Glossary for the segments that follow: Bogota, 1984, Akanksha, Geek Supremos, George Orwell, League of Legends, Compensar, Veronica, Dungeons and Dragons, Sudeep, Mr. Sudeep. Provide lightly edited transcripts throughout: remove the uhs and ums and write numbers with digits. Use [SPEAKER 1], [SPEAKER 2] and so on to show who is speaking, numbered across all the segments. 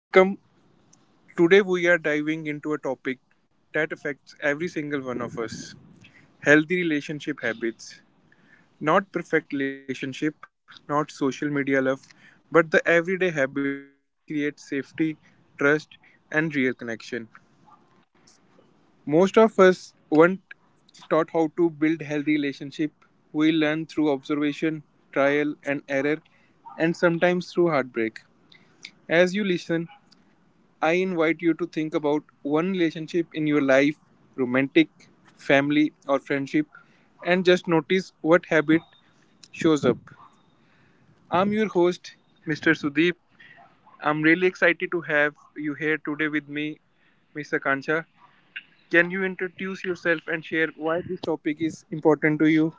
[SPEAKER 1] Welcome. Today we are diving into a topic that affects every single one of us: healthy relationship habits. Not perfect relationship, not social media love, but the everyday habit that creates safety, trust, and real connection. Most of us weren't taught how to build healthy relationship. We learn through observation, trial, and error, and sometimes through heartbreak. As you listen, I invite you to think about one relationship in your life romantic, family, or friendship and just notice what habit shows up. I'm your host, Mr. Sudeep. I'm really excited to have you here today with me, Ms. Akanksha. Can you introduce yourself and share why this topic is important to you?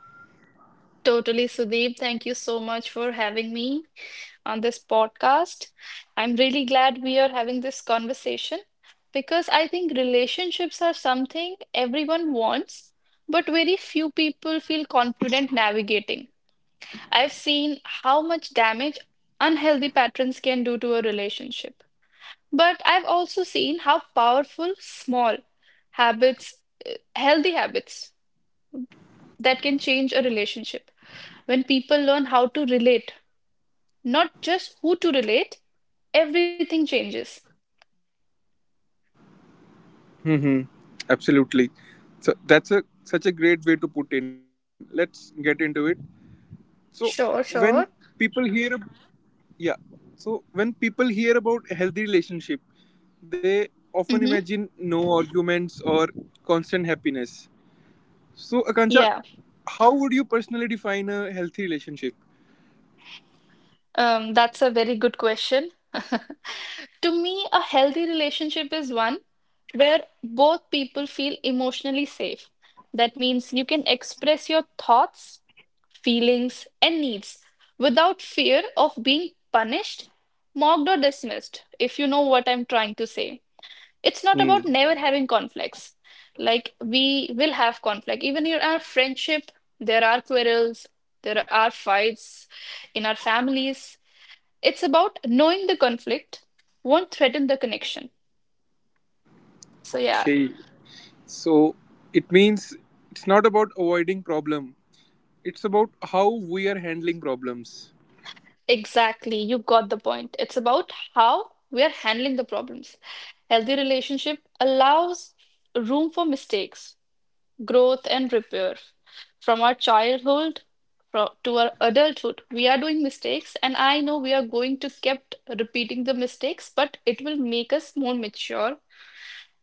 [SPEAKER 2] Totally, Sudeep. Thank you so much for having me on this podcast. I'm really glad we are having this conversation because I think relationships are something everyone wants, but very few people feel confident navigating. I've seen how much damage unhealthy patterns can do to a relationship, but I've also seen how powerful small habits, healthy habits, that can change a relationship when people learn how to relate Not just who to relate, everything changes.
[SPEAKER 1] Hmm. Absolutely. So that's a such a great way to put in. Let's get into it. So
[SPEAKER 2] Sure,
[SPEAKER 1] when
[SPEAKER 2] sure.
[SPEAKER 1] people hear Yeah. So when people hear about healthy relationship, they often
[SPEAKER 2] Mm-hmm.
[SPEAKER 1] imagine no arguments or constant happiness. So Akanksha,
[SPEAKER 2] Yeah,
[SPEAKER 1] how would you personally define a healthy relationship?
[SPEAKER 2] that's a very good question. To me, a healthy relationship is one where both people feel emotionally safe. That means you can express your thoughts, feelings, and needs without fear of being punished, mocked, or dismissed, if you know what I'm trying to say. It's not about
[SPEAKER 1] Hmm.
[SPEAKER 2] never having conflicts. Like we will have conflict. Even in our friendship, there are quarrels, there are fights in our families. It's about knowing the conflict won't threaten the connection. So yeah,
[SPEAKER 1] Okay. So it means it's not about avoiding problem. It's about how we are handling problems.
[SPEAKER 2] exactly. You got the point. It's about how we are handling the problems. Healthy relationship allows room for mistakes growth and repair from our childhood to our adulthood we are doing mistakes and I know we are going to kept repeating the mistakes, but it will make us more mature.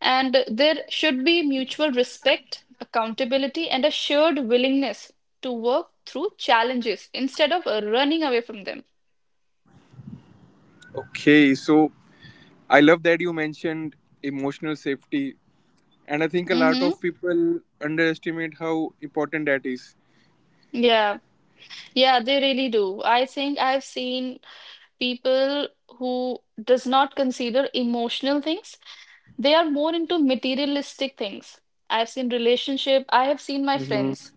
[SPEAKER 2] And there should be mutual respect accountability and a shared willingness to work through challenges instead of running away from them.
[SPEAKER 1] Okay. So I love that you mentioned emotional safety, and I think a lot
[SPEAKER 2] Mm-hmm.
[SPEAKER 1] of people underestimate how important that is.
[SPEAKER 2] yeah yeah, they really do. I think I've seen people who does not consider emotional things. They are more into materialistic things. I've seen relationship, I have seen my friends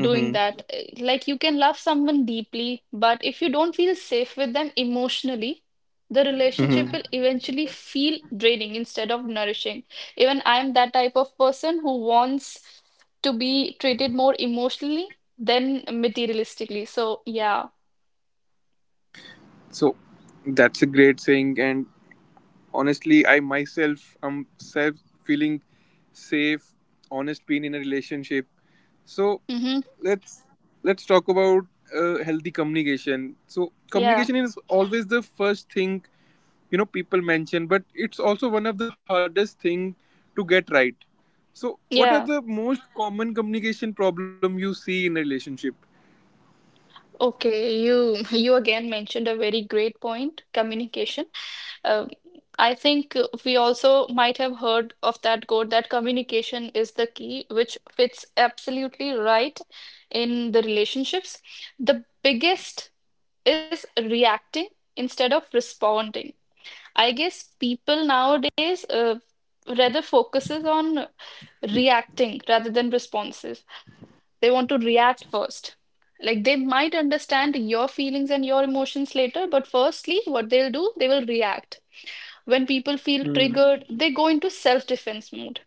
[SPEAKER 2] doing
[SPEAKER 1] Mm-hmm.
[SPEAKER 2] that. Like, you can love someone deeply, but if you don't feel safe with them emotionally the relationship
[SPEAKER 1] Mm-hmm.
[SPEAKER 2] will eventually feel draining instead of nourishing. Even I am that type of person who wants to be treated more emotionally than materialistically, so yeah.
[SPEAKER 1] So that's a great saying, and honestly, I myself am self feeling safe, honest, being in a relationship. So
[SPEAKER 2] Hmm.
[SPEAKER 1] let's let's talk about healthy communication. So
[SPEAKER 2] yeah
[SPEAKER 1] communication is always the first thing people mention, but it's also one of the hardest thing to get right. So what are
[SPEAKER 2] yeah
[SPEAKER 1] the most common communication problem you see in a relationship?
[SPEAKER 2] Okay, you again mentioned a very great point, communication. Um, I think we also might have heard of that quote that communication is the key, which fits absolutely right in the relationships. The biggest is reacting instead of responding. I guess people nowadays rather focuses on reacting rather than responses. They want to react first. Like, they might understand your feelings and your emotions later, but firstly, what they'll do, they will react. When people feel
[SPEAKER 1] Mm.
[SPEAKER 2] triggered, they go into self-defense mode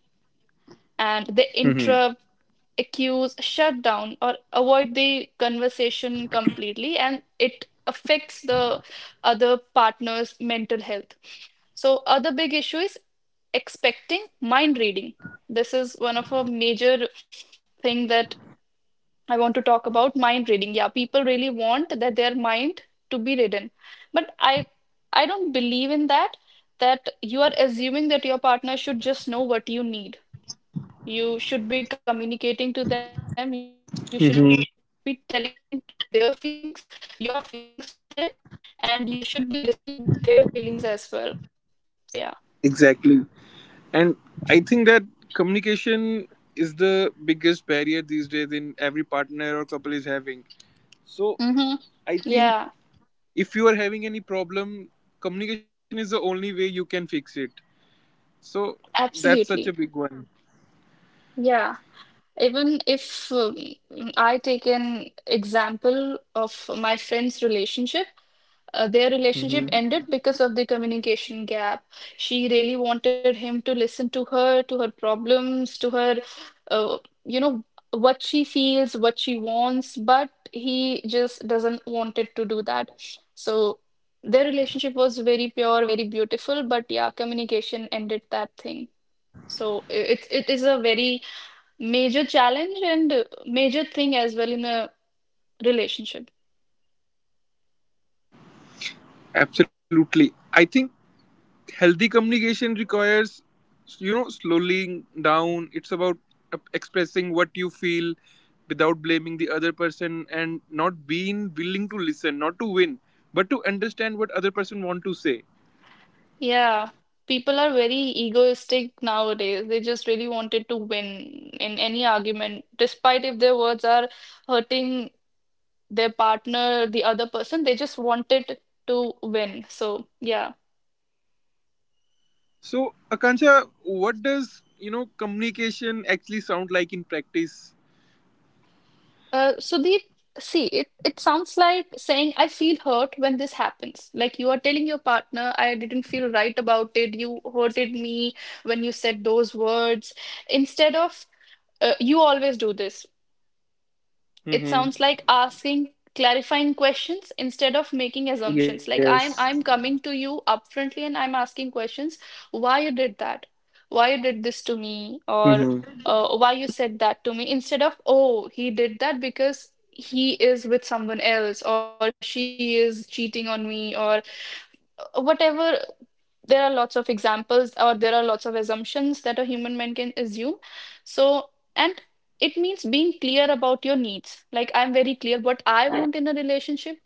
[SPEAKER 2] and they
[SPEAKER 1] Mm-hmm.
[SPEAKER 2] interrupt, accuse, shut down, or avoid the conversation completely, and it affects the other partner's mental health. So, other big issue is expecting mind reading. This is one of a major thing that I want to talk about mind reading. Yeah, people really want that their mind to be read, but I don't believe in that, that you are assuming that your partner should just know what you need. You should be communicating to them, you should be telling their
[SPEAKER 1] Mm-hmm.
[SPEAKER 2] feelings, your feelings to them, and you should be listening their feelings as well. So yeah.
[SPEAKER 1] Exactly. And I think that communication is the biggest barrier these days in every partner or couple is having. So
[SPEAKER 2] Mm-hmm.
[SPEAKER 1] I think
[SPEAKER 2] Yeah,
[SPEAKER 1] if you are having any problem, communication is the only way you can fix it. So that's such a
[SPEAKER 2] absolutely.
[SPEAKER 1] big one.
[SPEAKER 2] Yeah. Even if I take an example of my friend's relationship, their relationship
[SPEAKER 1] Mhm.
[SPEAKER 2] ended because of the communication gap. She really wanted him to listen to her problems, to her, uh, you know, what she feels, what she wants, but he just doesn't wanted to do that. So their relationship was very pure, very beautiful, but yeah, communication ended that thing. So it is a very major challenge and major thing as well in a relationship.
[SPEAKER 1] Absolutely. I think healthy communication requires slowing down. It's about expressing what you feel without blaming the other person and not being willing to listen, not to win, but to understand what other person want to say.
[SPEAKER 2] Yeah, people are very egoistic nowadays. They just really wanted to win in any argument, despite if their words are hurting their partner, the other person, they just wanted to win. So, yeah.
[SPEAKER 1] So, Akanksha, what does communication actually sound like in practice?
[SPEAKER 2] Sudeep, see, it sounds like saying, I feel hurt when this happens. Like, you are telling your partner, I didn't feel right about it. You hurted me when you said those words. Instead of, you always do this. It
[SPEAKER 1] Mm-hmm.
[SPEAKER 2] sounds like asking clarifying questions instead of making assumptions. Like,
[SPEAKER 1] Yes.
[SPEAKER 2] I'm coming to you upfrontly and I'm asking questions, why you did that, why you did this to me,
[SPEAKER 1] Mm-hmm.
[SPEAKER 2] or why you said that to me, instead of, oh, he did that because he is with someone else, or she is cheating on me, or whatever. There are lots of examples, or there are lots of assumptions that a human man can assume. So, and it means being clear about your needs. Like, I'm very clear what I want in a relationship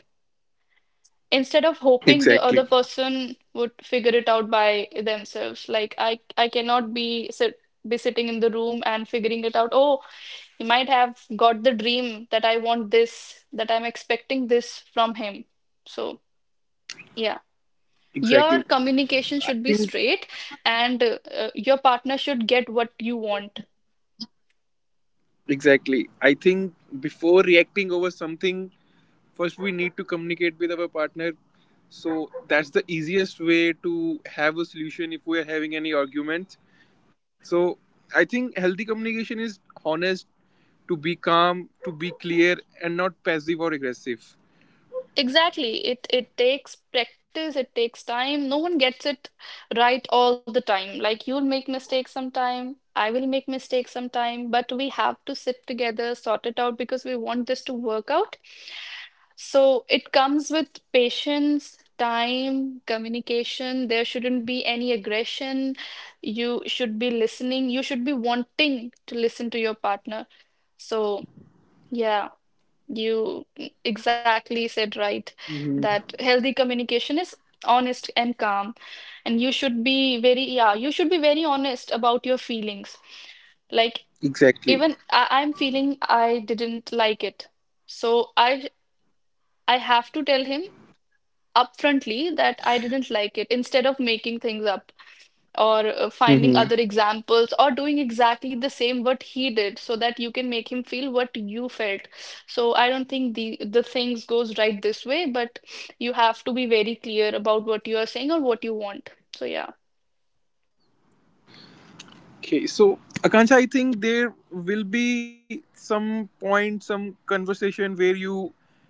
[SPEAKER 2] instead of hoping the
[SPEAKER 1] Exactly,
[SPEAKER 2] other person would figure it out by themselves. Like I cannot be be sitting in the room and figuring it out, oh, he might have got the dream that I want this, that I'm expecting this from him. So yeah,
[SPEAKER 1] exactly.
[SPEAKER 2] your communication
[SPEAKER 1] i
[SPEAKER 2] should be
[SPEAKER 1] think
[SPEAKER 2] straight, and your partner should get what you want.
[SPEAKER 1] exactly I think before reacting over something, first, we need to communicate with our partner. So that's the easiest way to have a solution if we are having any arguments. So I think healthy communication is honest, to be calm, to be clear, and not passive or aggressive.
[SPEAKER 2] Exactly. It takes practice, it takes time. No one gets it right all the time. Like, you'll make mistakes sometime, I will make mistakes sometime, but we have to sit together, sort it out because we want this to work out. So it comes with patience, time, communication. There shouldn't be any aggression. You should be listening. You should be wanting to listen to your partner. So, yeah, you exactly said right that
[SPEAKER 1] Mhm.
[SPEAKER 2] healthy communication is honest and calm. And you should be very, yeah, you should be very honest about your feelings. Like,
[SPEAKER 1] Exactly.
[SPEAKER 2] even I'm feeling I didn't like it. So I have to tell him upfrontly that I didn't like it, instead of making things up or finding
[SPEAKER 1] Mm-hmm.
[SPEAKER 2] other examples or doing exactly the same what he did so that you can make him feel what you felt. So I don't think the things goes right this way, but you have to be very clear about what you are saying or what you want. So yeah.
[SPEAKER 1] Okay, so Akansha, I think there will be some point, some conversation where you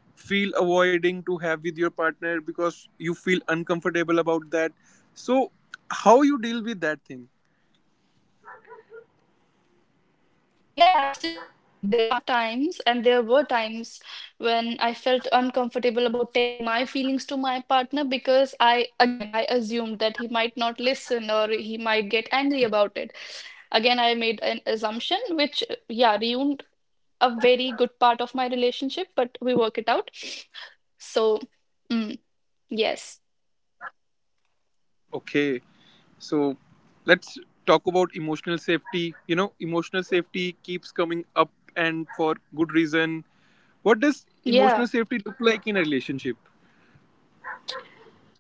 [SPEAKER 1] feel avoiding to have with your partner because you feel uncomfortable about that. So, how you deal with that thing?
[SPEAKER 2] Yeah, absolutely. There are times, and there were times when I felt uncomfortable about telling my feelings to my partner because I, again, I assumed that he might not listen or he might get angry about it. Again, I made an assumption, which, yeah, ruined a very good part of my relationship, but we work it out. So, mm, yes.
[SPEAKER 1] Okay, so let's talk about emotional safety. Emotional safety keeps coming up and for good reason. What does
[SPEAKER 2] Yeah.
[SPEAKER 1] emotional safety look like in a relationship?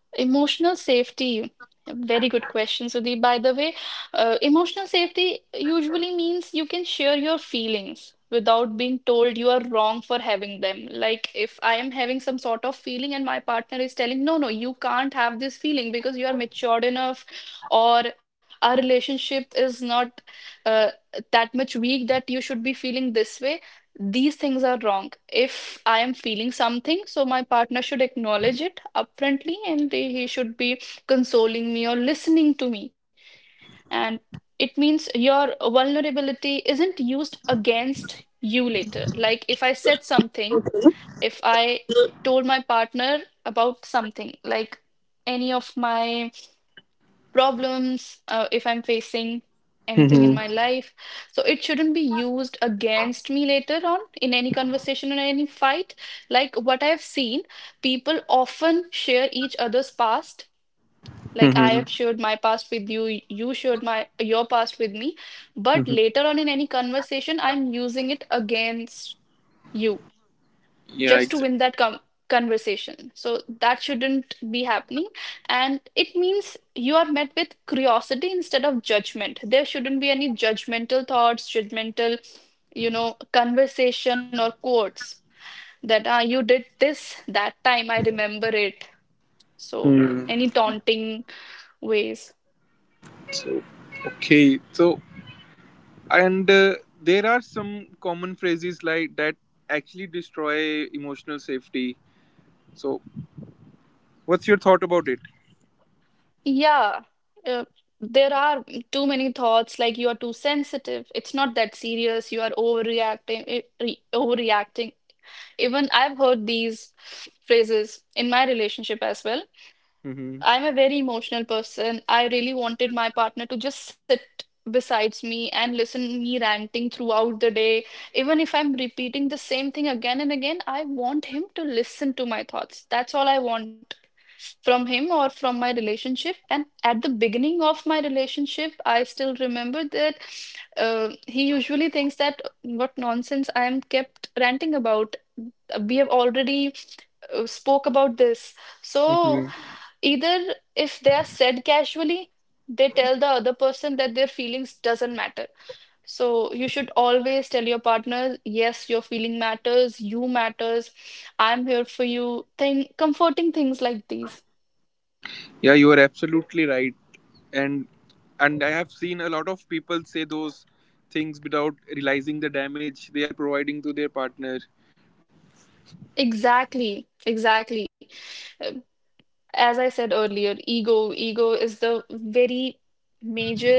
[SPEAKER 2] Emotional safety. Very good question, Sudeep. By the way, emotional safety usually means you can share your feelings without being told you are wrong for having them. Like, if I am having some sort of feeling and my partner is telling, no, no, you can't have this feeling because you are matured enough, or our relationship is not uh, that much weak that you should be feeling this way. These things are wrong. If I am feeling something, so my partner should acknowledge it upfrontly and he should be consoling me or listening to me. And it means your vulnerability isn't used against you later. Like, if I said something, if I told my partner about something, like any of my problems, if I'm facing anything in my
[SPEAKER 1] Mm-hmm.
[SPEAKER 2] life. So it shouldn't be used against me later on in any conversation or any fight. Like, what I've seen, people often share each other's past. Like, I have
[SPEAKER 1] Mm-hmm.
[SPEAKER 2] shared my past with you, you shared my your past with me, but later on in any conversation, I'm using it against you just
[SPEAKER 1] Yeah,
[SPEAKER 2] to win that
[SPEAKER 1] exactly.
[SPEAKER 2] conversation. So that shouldn't be happening. And it means you are met with curiosity instead of judgment. There shouldn't be any judgmental thoughts, judgmental, conversation or quotes that ah, you did this that time, I remember it. So any taunting ways.
[SPEAKER 1] So, okay. So, and there are some common phrases like that actually destroy emotional safety. So, what's your thought about it?
[SPEAKER 2] Yeah, uh, there are too many thoughts like, you are too sensitive. It's not that serious. You are overreacting, eh, re overreacting. Even I've heard these phrases in my relationship as well.
[SPEAKER 1] Mm-hmm.
[SPEAKER 2] I'm a very emotional person. I really wanted my partner to just sit besides me and listen me ranting throughout the day. Even if I'm repeating the same thing again and again, I want him to listen to my thoughts. That's all I want from him or from my relationship. And at the beginning of my relationship, I still remember that he usually thinks that what nonsense I am kept ranting about. We have already spoke about this. So
[SPEAKER 1] Mm-hmm.
[SPEAKER 2] either if they are said casually, they tell the other person that their feelings doesn't matter. So you should always tell your partner, yes, your feeling matters, you matters, I'm here for you. Thing comforting things like these.
[SPEAKER 1] Yeah, you are absolutely right. And and I have seen a lot of people say those things without realizing the damage they are providing to their partner.
[SPEAKER 2] Exactly, exactly. Um, as I said earlier, ego is the very major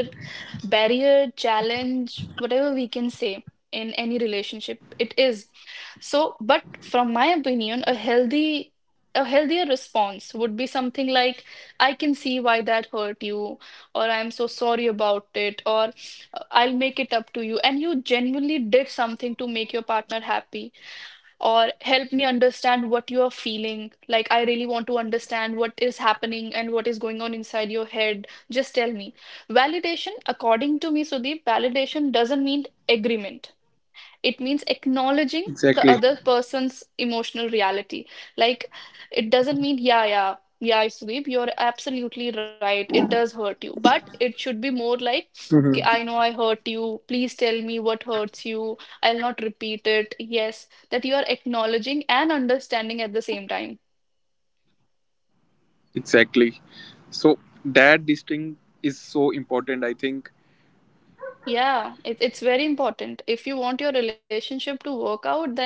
[SPEAKER 2] barrier, challenge, whatever we can say in any relationship, it is. So, but from my opinion, a healthier response would be something like, I can see why that hurt you, or I am so sorry about it, or I'll make it up to you. And you genuinely did something to make your partner happy or help me understand what you are feeling. Like, I really want to understand what is happening and what is going on inside your head. Just tell me. Validation, according to me, Sudeep, validation doesn't mean agreement. It means acknowledging
[SPEAKER 1] Exactly.
[SPEAKER 2] the other person's emotional reality. Like, it doesn't mean, yeah, yeah, yeah, Sweep, you're absolutely right. It does hurt you. But it should be more like, "Okay, I
[SPEAKER 1] Mm-hmm.
[SPEAKER 2] know I hurt you. Please tell me what hurts you. I'll not repeat it. Yes, that you are acknowledging and understanding at the same time."
[SPEAKER 1] Exactly. So that distinct is so important, I think.
[SPEAKER 2] Yeah, it's very important. If you want your relationship to work out, then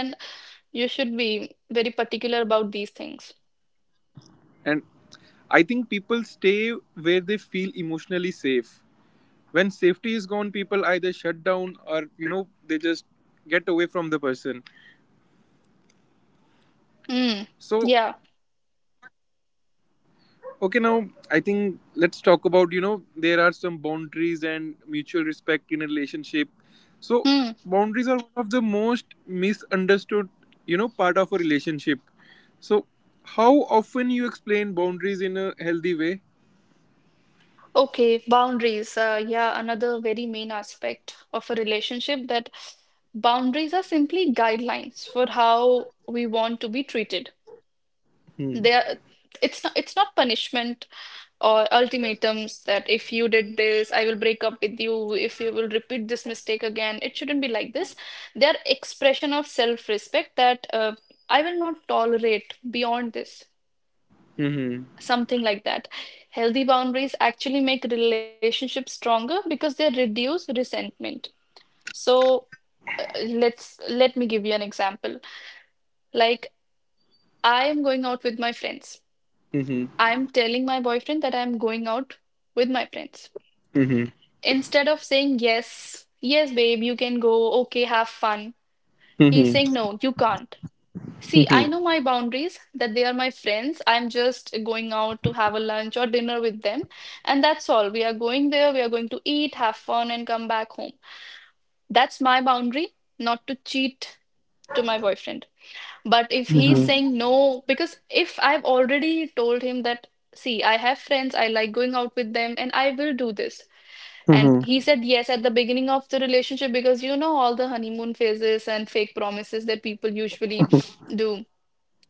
[SPEAKER 2] you should be very particular about these things.
[SPEAKER 1] And I think people stay where they feel emotionally safe. When safety is gone, people either shut down or, they just get away from the person.
[SPEAKER 2] Hmm.
[SPEAKER 1] So,
[SPEAKER 2] Yeah.
[SPEAKER 1] okay, now I think let's talk about, there are some boundaries and mutual respect in a relationship. So,
[SPEAKER 2] Hmm.
[SPEAKER 1] boundaries are one of the most misunderstood, part of a relationship. So, how often you explain boundaries in a healthy way?
[SPEAKER 2] Okay, boundaries. Yeah, another very main aspect of a relationship that boundaries are simply guidelines for how we want to be treated.
[SPEAKER 1] Hmm.
[SPEAKER 2] They are, it's not punishment or ultimatums, that if you did this, I will break up with you. If you will repeat this mistake again, it shouldn't be like this. They are expression of self-respect, that I will not tolerate beyond this.
[SPEAKER 1] Mm-hmm.
[SPEAKER 2] Something like that. Healthy boundaries actually make relationships stronger because they reduce resentment. So let me give you an example. Like, I am going out with my friends. I'm telling my boyfriend that I'm going out with my friends.
[SPEAKER 1] Mm-hmm.
[SPEAKER 2] Instead of saying, yes, yes babe, you can go, okay, have fun, he's saying,
[SPEAKER 1] Mm-hmm.
[SPEAKER 2] no, you can't. See, I know my boundaries, that they are my friends. I'm just going out to have a lunch or dinner with them. And that's all. We are going there, we are going to eat, have fun, and come back home. That's my boundary, not to cheat to my boyfriend. But if he's
[SPEAKER 1] Hmm,
[SPEAKER 2] saying no, because if I've already told him that, see, I have friends, I like going out with them, and I will do this. And
[SPEAKER 1] hmm.
[SPEAKER 2] he said yes at the beginning of the relationship, because you know all the honeymoon phases and fake promises that people usually do.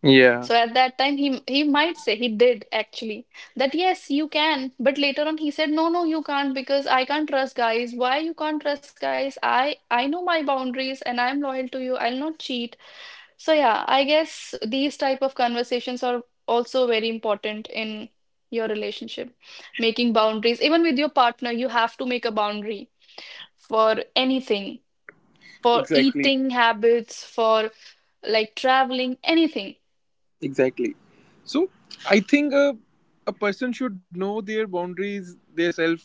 [SPEAKER 1] Yeah,
[SPEAKER 2] So at that time, he might say, he did actually, that yes, you can. But later on, he said, no, no, you can't, because I can't trust guys. Why you can't trust guys? I know my boundaries and I'm loyal to you. I'll not cheat. So yeah, I guess these type of conversations are also very important in your relationship. Making boundaries, even with your partner, you have to make a boundary for anything, for
[SPEAKER 1] exactly,
[SPEAKER 2] eating habits, for like traveling, anything.
[SPEAKER 1] exactly. So I think a person should know their boundaries, their self.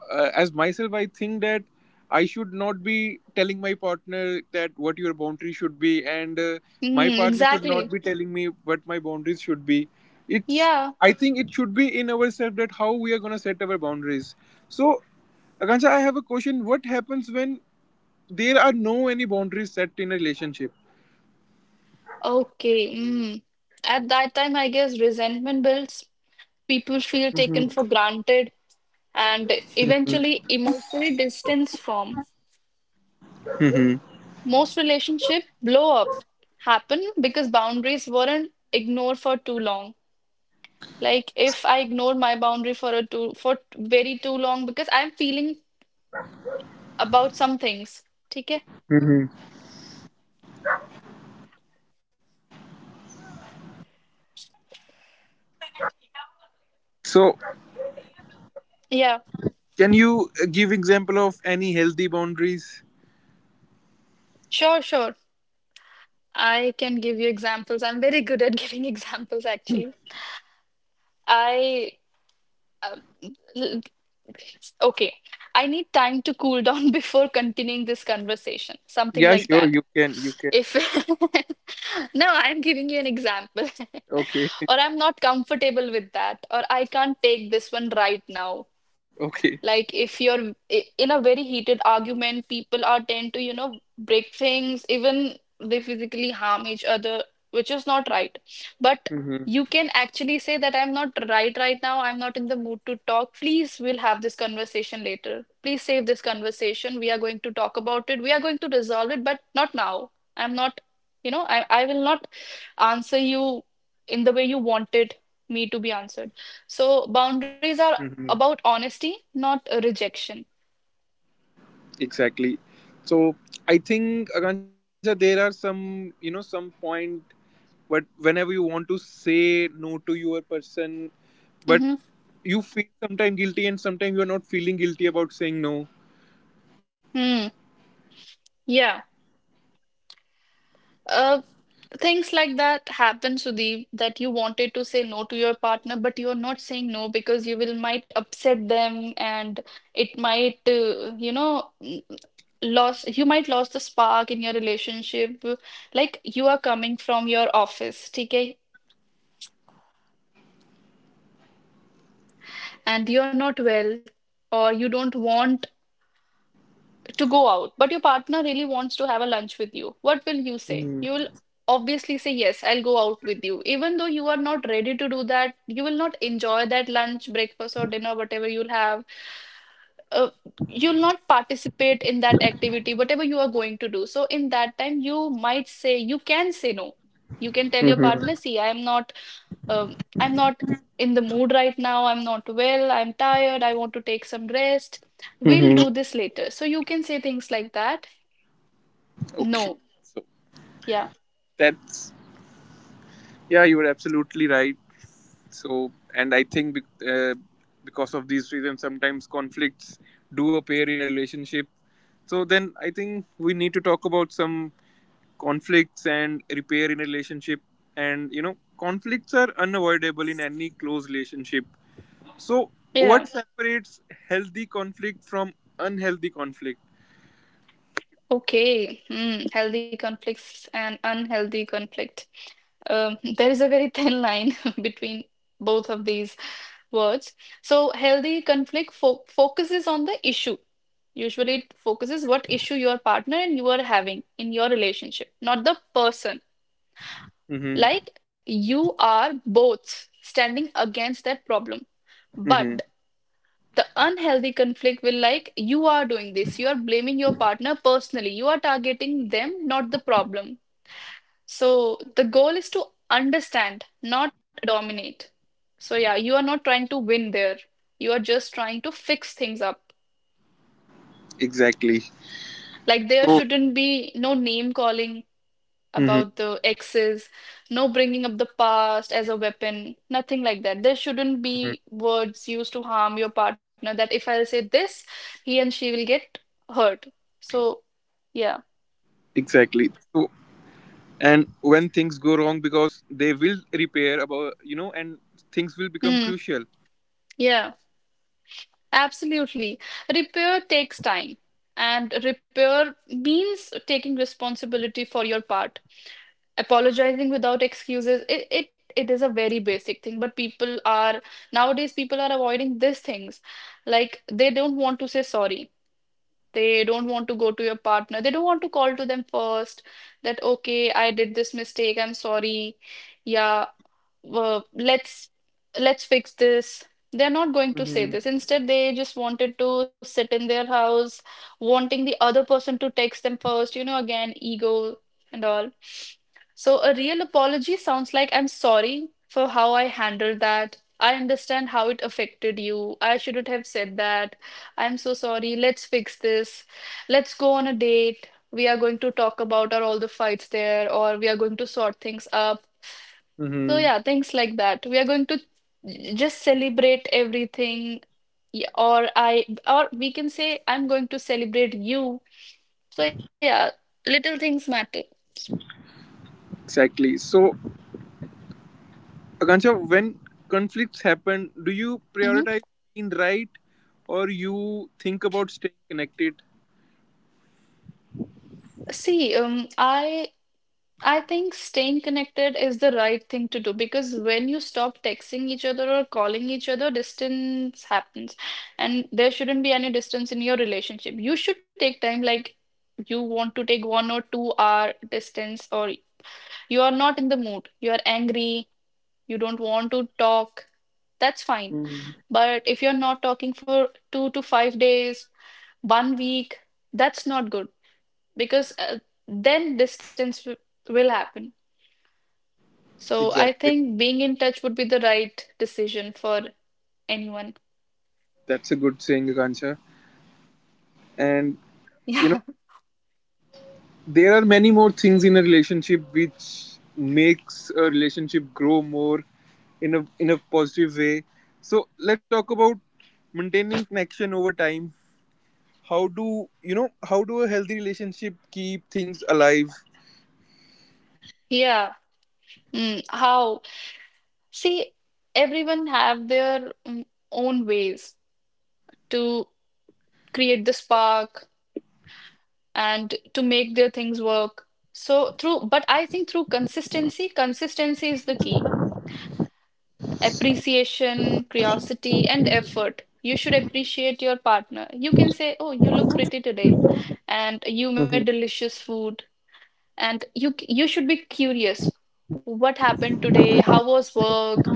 [SPEAKER 1] As myself, I think that I should not be telling my partner that what your boundary should be, and my
[SPEAKER 2] Mm,
[SPEAKER 1] partner should not
[SPEAKER 2] exactly.
[SPEAKER 1] be telling me what my boundaries should be. It's
[SPEAKER 2] Yeah.
[SPEAKER 1] I think it should be in ourselves that how we are gonna set our boundaries. So Akansha, I have a question. What happens when there are no any boundaries set in a relationship?
[SPEAKER 2] Okay. Mm. At that time, I guess resentment builds. People feel taken for granted and eventually emotionally distance from. Most relationship blow up happen because boundaries weren't ignored for too long. Like if I ignore my boundary for a too for very too long because I'm feeling about some things. Okay?
[SPEAKER 1] Hmm. So,
[SPEAKER 2] Yeah.
[SPEAKER 1] can you give example of any healthy boundaries?
[SPEAKER 2] Sure, sure. I can give you examples. I'm very good at giving examples actually. I uh, L- Okay, I need time to cool down before continuing this conversation. Something
[SPEAKER 1] Yeah,
[SPEAKER 2] like
[SPEAKER 1] sure.
[SPEAKER 2] that.
[SPEAKER 1] You can. You can.
[SPEAKER 2] If no, I'm giving you an example,
[SPEAKER 1] Okay.
[SPEAKER 2] or I'm not comfortable with that, or I can't take this one right now.
[SPEAKER 1] Okay.
[SPEAKER 2] Like, if you're in a very heated argument, people are tend to, break things, even they physically harm each other, which is not right. But
[SPEAKER 1] Mm-hmm.
[SPEAKER 2] you can actually say that I'm not right right now. I'm not in the mood to talk. Please, we'll have this conversation later. Please save this conversation. We are going to talk about it. We are going to resolve it, but not now. I'm not, I will not answer you in the way you wanted me to be answered. So boundaries are
[SPEAKER 1] Mm-hmm.
[SPEAKER 2] about honesty, not a rejection.
[SPEAKER 1] Exactly. So, I think Akansha, there are some, some point, but whenever you want to say no to your person, but
[SPEAKER 2] Mm-hmm.
[SPEAKER 1] you feel sometimes guilty and sometimes you are not feeling guilty about saying no.
[SPEAKER 2] Hmm. Yeah. Uh, Things like that happen, Sudeep, that you wanted to say no to your partner, but you're not saying no because you will might upset them, and it might, lost you might lost the spark in your relationship. Like, you are coming from your office, okay, and you're not well, or you don't want to go out, but your partner really wants to have a lunch with you, what will you say?
[SPEAKER 1] Mm-hmm.
[SPEAKER 2] You will obviously say, yes, I'll go out with you. Even though you are not ready to do that, you will not enjoy that lunch, breakfast, or dinner, whatever you'll have. Uh, you'll not participate in that activity, whatever you are going to do. So, in that time, you might say, you can say no. You can tell your partner,
[SPEAKER 1] Mm-hmm.
[SPEAKER 2] see, um, I'm not in the mood right now, I'm not well, I'm tired, I want to take some rest. We'll
[SPEAKER 1] Mm-hmm.
[SPEAKER 2] do this later. So you can say things like that.
[SPEAKER 1] Okay.
[SPEAKER 2] No,
[SPEAKER 1] So
[SPEAKER 2] yeah,
[SPEAKER 1] that's Yeah, you were absolutely right. So, and I think because of these reasons, sometimes conflicts do appear in a relationship. So, then I think we need to talk about some conflicts and repair in a relationship. And conflicts are unavoidable in any close relationship. So, what
[SPEAKER 2] yeah,
[SPEAKER 1] separates healthy conflict from unhealthy conflict?
[SPEAKER 2] okay. Hmm. Healthy conflicts and unhealthy conflict. There is a very thin line between both of these words. So healthy conflict fo focuses on the issue. Usually it focuses what issue your partner and you are having in your relationship, not the person.
[SPEAKER 1] Mm-hmm.
[SPEAKER 2] Like, you are both standing against that problem. But
[SPEAKER 1] Mm-hmm.
[SPEAKER 2] the unhealthy conflict will, like, you are doing this. You are blaming your partner personally. You are targeting them, not the problem. So the goal is to understand, not dominate. So yeah, you are not trying to win there. You are just trying to fix things up.
[SPEAKER 1] Exactly.
[SPEAKER 2] Like, there
[SPEAKER 1] So,
[SPEAKER 2] shouldn't be no name calling about
[SPEAKER 1] mm-hmm.
[SPEAKER 2] the exes, no bringing up the past as a weapon, nothing like that. There shouldn't be words used to harm your partner, that if I'll say this, he and she will get hurt. So, yeah.
[SPEAKER 1] Exactly. So, and when things go wrong because they will repair about and things will become
[SPEAKER 2] Mm,
[SPEAKER 1] crucial.
[SPEAKER 2] yeah, absolutely. Repair takes time, and repair means taking responsibility for your part. Apologizing without excuses, it is a very basic thing, but people are nowadays people are avoiding these things. Like, they don't want to say sorry. They don't want to go to your partner. They don't want to call to them first, that, okay, I did this mistake. I'm sorry. Yeah, uh, let's let's fix this. They're not going to say
[SPEAKER 1] Mm-hmm.
[SPEAKER 2] this. Instead, they just wanted to sit in their house, wanting the other person to text them first, again, ego and all. So a real apology sounds like, I'm sorry for how I handled that. I understand how it affected you. I shouldn't have said that. I'm so sorry. Let's fix this. Let's go on a date. We are going to talk about our all the fights there, or we are going to sort things up. So
[SPEAKER 1] Mm-hmm.
[SPEAKER 2] yeah, things like that. We are going to just celebrate everything, or we can say I'm going to celebrate you. So yeah, little things matter.
[SPEAKER 1] Exactly. So, Akansha, when conflicts happen, do you
[SPEAKER 2] Hmm.
[SPEAKER 1] prioritize being right, or you think about staying connected?
[SPEAKER 2] See, I think staying connected is the right thing to do, because when you stop texting each other or calling each other, distance happens, and there shouldn't be any distance in your relationship. You should take time, like. You want to take 1 or 2 hour distance, or you are not in the mood. You are angry. You don't want to talk. That's fine.
[SPEAKER 1] Mhm.
[SPEAKER 2] But if you're not talking for 2 to 5 days, one week, that's not good because then distance will happen. So I
[SPEAKER 1] Exactly.
[SPEAKER 2] think being in touch would be the right decision for anyone.
[SPEAKER 1] That's a good saying, Akansha. And you know there are many more things in a relationship which makes a relationship grow more in a positive way. So let's talk about maintaining connection over time. How do a healthy relationship keep things alive?
[SPEAKER 2] Yeah. Mm, how? See, everyone have their own ways to create the spark and to make their things work. So but I think through consistency, consistency is the key. Appreciation, curiosity, and effort. You should appreciate your partner. You can say, "Oh, you look pretty today," and
[SPEAKER 1] Hmm.
[SPEAKER 2] you made delicious food, and you should be curious. What happened today? How was work?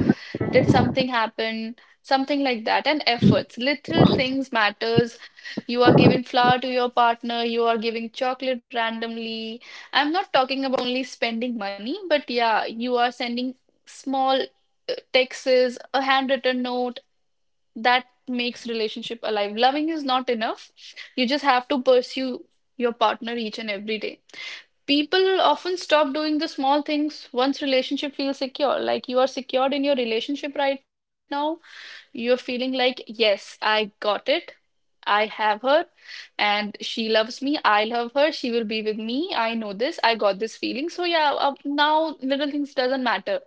[SPEAKER 2] Did something happen? Something like that. And efforts. Little things matters. You are giving flower to your partner, you are giving chocolate randomly. I'm not talking about only spending money, but yeah, you are sending small texts, a handwritten note, that makes relationship alive. Loving is not enough. You just have to pursue your partner each and every day. People often stop doing the small things once relationship feels secure. Like, you are secured in your relationship right now, you're feeling like, yes, I got it. I have her, and she loves me. I love her. She will be with me. I know this. I got this feeling. So yeah, now little things doesn't matter,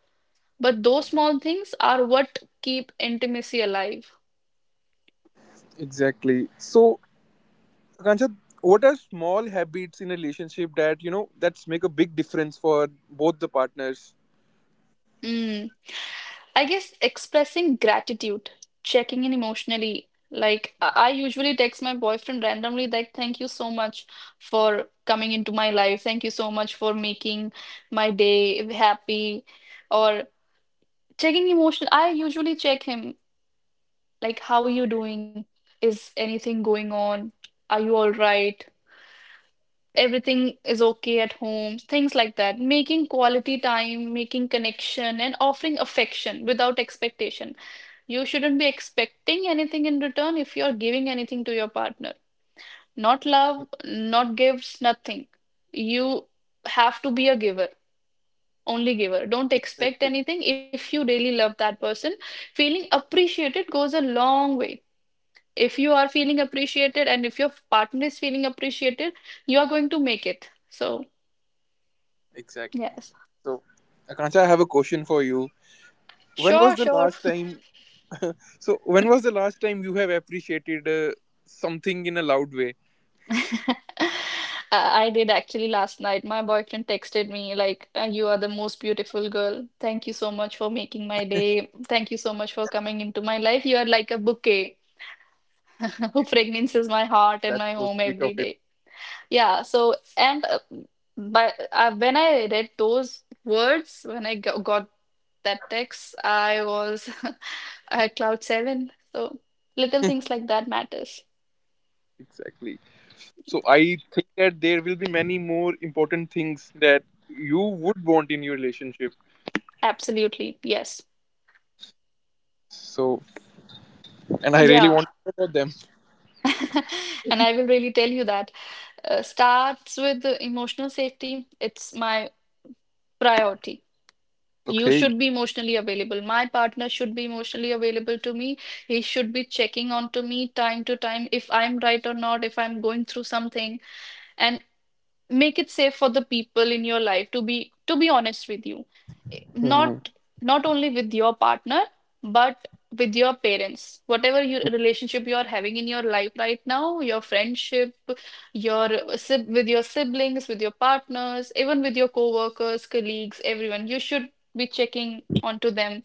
[SPEAKER 2] but those small things are what keep intimacy alive.
[SPEAKER 1] Exactly. So, Akansha, what are small habits in a relationship that that's make a big difference for both the partners?
[SPEAKER 2] Mm. I guess expressing gratitude, checking in emotionally. Like, I usually text my boyfriend randomly, like, thank you so much for coming into my life. Thank you so much for making my day happy. Or checking emotion. I usually check him, like, how are you doing? Is anything going on? Are you all right? Everything is okay at home, things like that. Making quality time, making connection, and offering affection without expectation. You shouldn't be expecting anything in return if you're giving anything to your partner. Not love, not gifts, nothing. You have to be a giver, only giver. Don't
[SPEAKER 1] Exactly,
[SPEAKER 2] expect anything if you really love that person. Feeling appreciated goes a long way. If you are feeling appreciated and if your partner is feeling appreciated, you are going to make it. So,
[SPEAKER 1] exactly.
[SPEAKER 2] yes.
[SPEAKER 1] So, Akansha, I have a question for you. When was
[SPEAKER 2] Sure,
[SPEAKER 1] the
[SPEAKER 2] sure.
[SPEAKER 1] last time So, when was the last time you have appreciated something in a loud way?
[SPEAKER 2] I I did actually last night. My boyfriend texted me like, "You are the most beautiful girl. Thank you so much for making my day. Thank you so much for coming into my life. You are like a bouquet who fragrances my heart and
[SPEAKER 1] That's
[SPEAKER 2] my
[SPEAKER 1] so
[SPEAKER 2] home
[SPEAKER 1] sweet
[SPEAKER 2] every
[SPEAKER 1] of him.
[SPEAKER 2] day." Yeah, so and but when I read those words, when I got that text, I was at cloud seven. So little things like that matters.
[SPEAKER 1] Exactly. So,
[SPEAKER 2] Yeah,
[SPEAKER 1] I think that there will be many more important things that you would want in your relationship.
[SPEAKER 2] absolutely. Yes.
[SPEAKER 1] So, and I really
[SPEAKER 2] Yeah,
[SPEAKER 1] want to know about them.
[SPEAKER 2] and I will really tell you that. Starts with the emotional safety. It's my priority. You
[SPEAKER 1] Okay.
[SPEAKER 2] should be emotionally available. My partner should be emotionally available to me. He should be checking on to me time to time if I'm right or not, if I'm going through something. And, make it safe for the people in your life to be honest with you,
[SPEAKER 1] Hmm.
[SPEAKER 2] not not only with your partner, but with your parents, whatever your relationship you are having in your life right now, your friendship, your with your siblings, with your partners, even with your co-workers, colleagues, everyone. You should be checking onto them.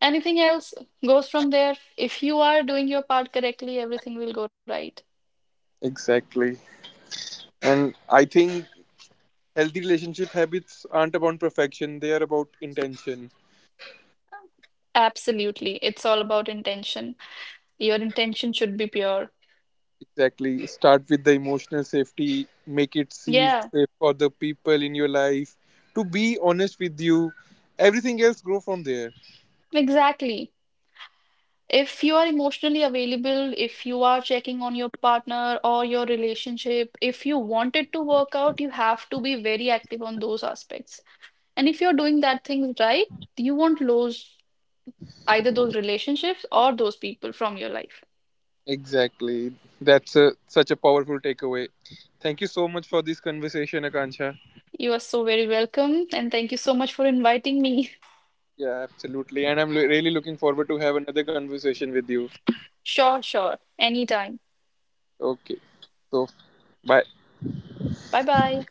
[SPEAKER 2] Anything else goes from there. If you are doing your part correctly, everything will go right.
[SPEAKER 1] Exactly. And I think healthy relationship habits aren't about perfection, they are about intention.
[SPEAKER 2] Absolutely. It's all about intention. Your intention should be pure.
[SPEAKER 1] Exactly. Start with the emotional safety. Make it safe,
[SPEAKER 2] Yeah,
[SPEAKER 1] safe for the people in your life to be honest with you. Everything else grow from there.
[SPEAKER 2] exactly. If you are emotionally available, if you are checking on your partner or your relationship, if you want it to work out, you have to be very active on those aspects. And if you're doing that things right, you won't lose either those relationships or those people from your life.
[SPEAKER 1] Exactly. That's such a powerful takeaway. Thank you so much for this conversation, Akansha.
[SPEAKER 2] You are so very welcome, and thank you so much for inviting me.
[SPEAKER 1] Yeah, absolutely. And I'm really looking forward to have another conversation with you.
[SPEAKER 2] Sure, sure. Anytime.
[SPEAKER 1] Okay. So, bye.
[SPEAKER 2] Bye bye.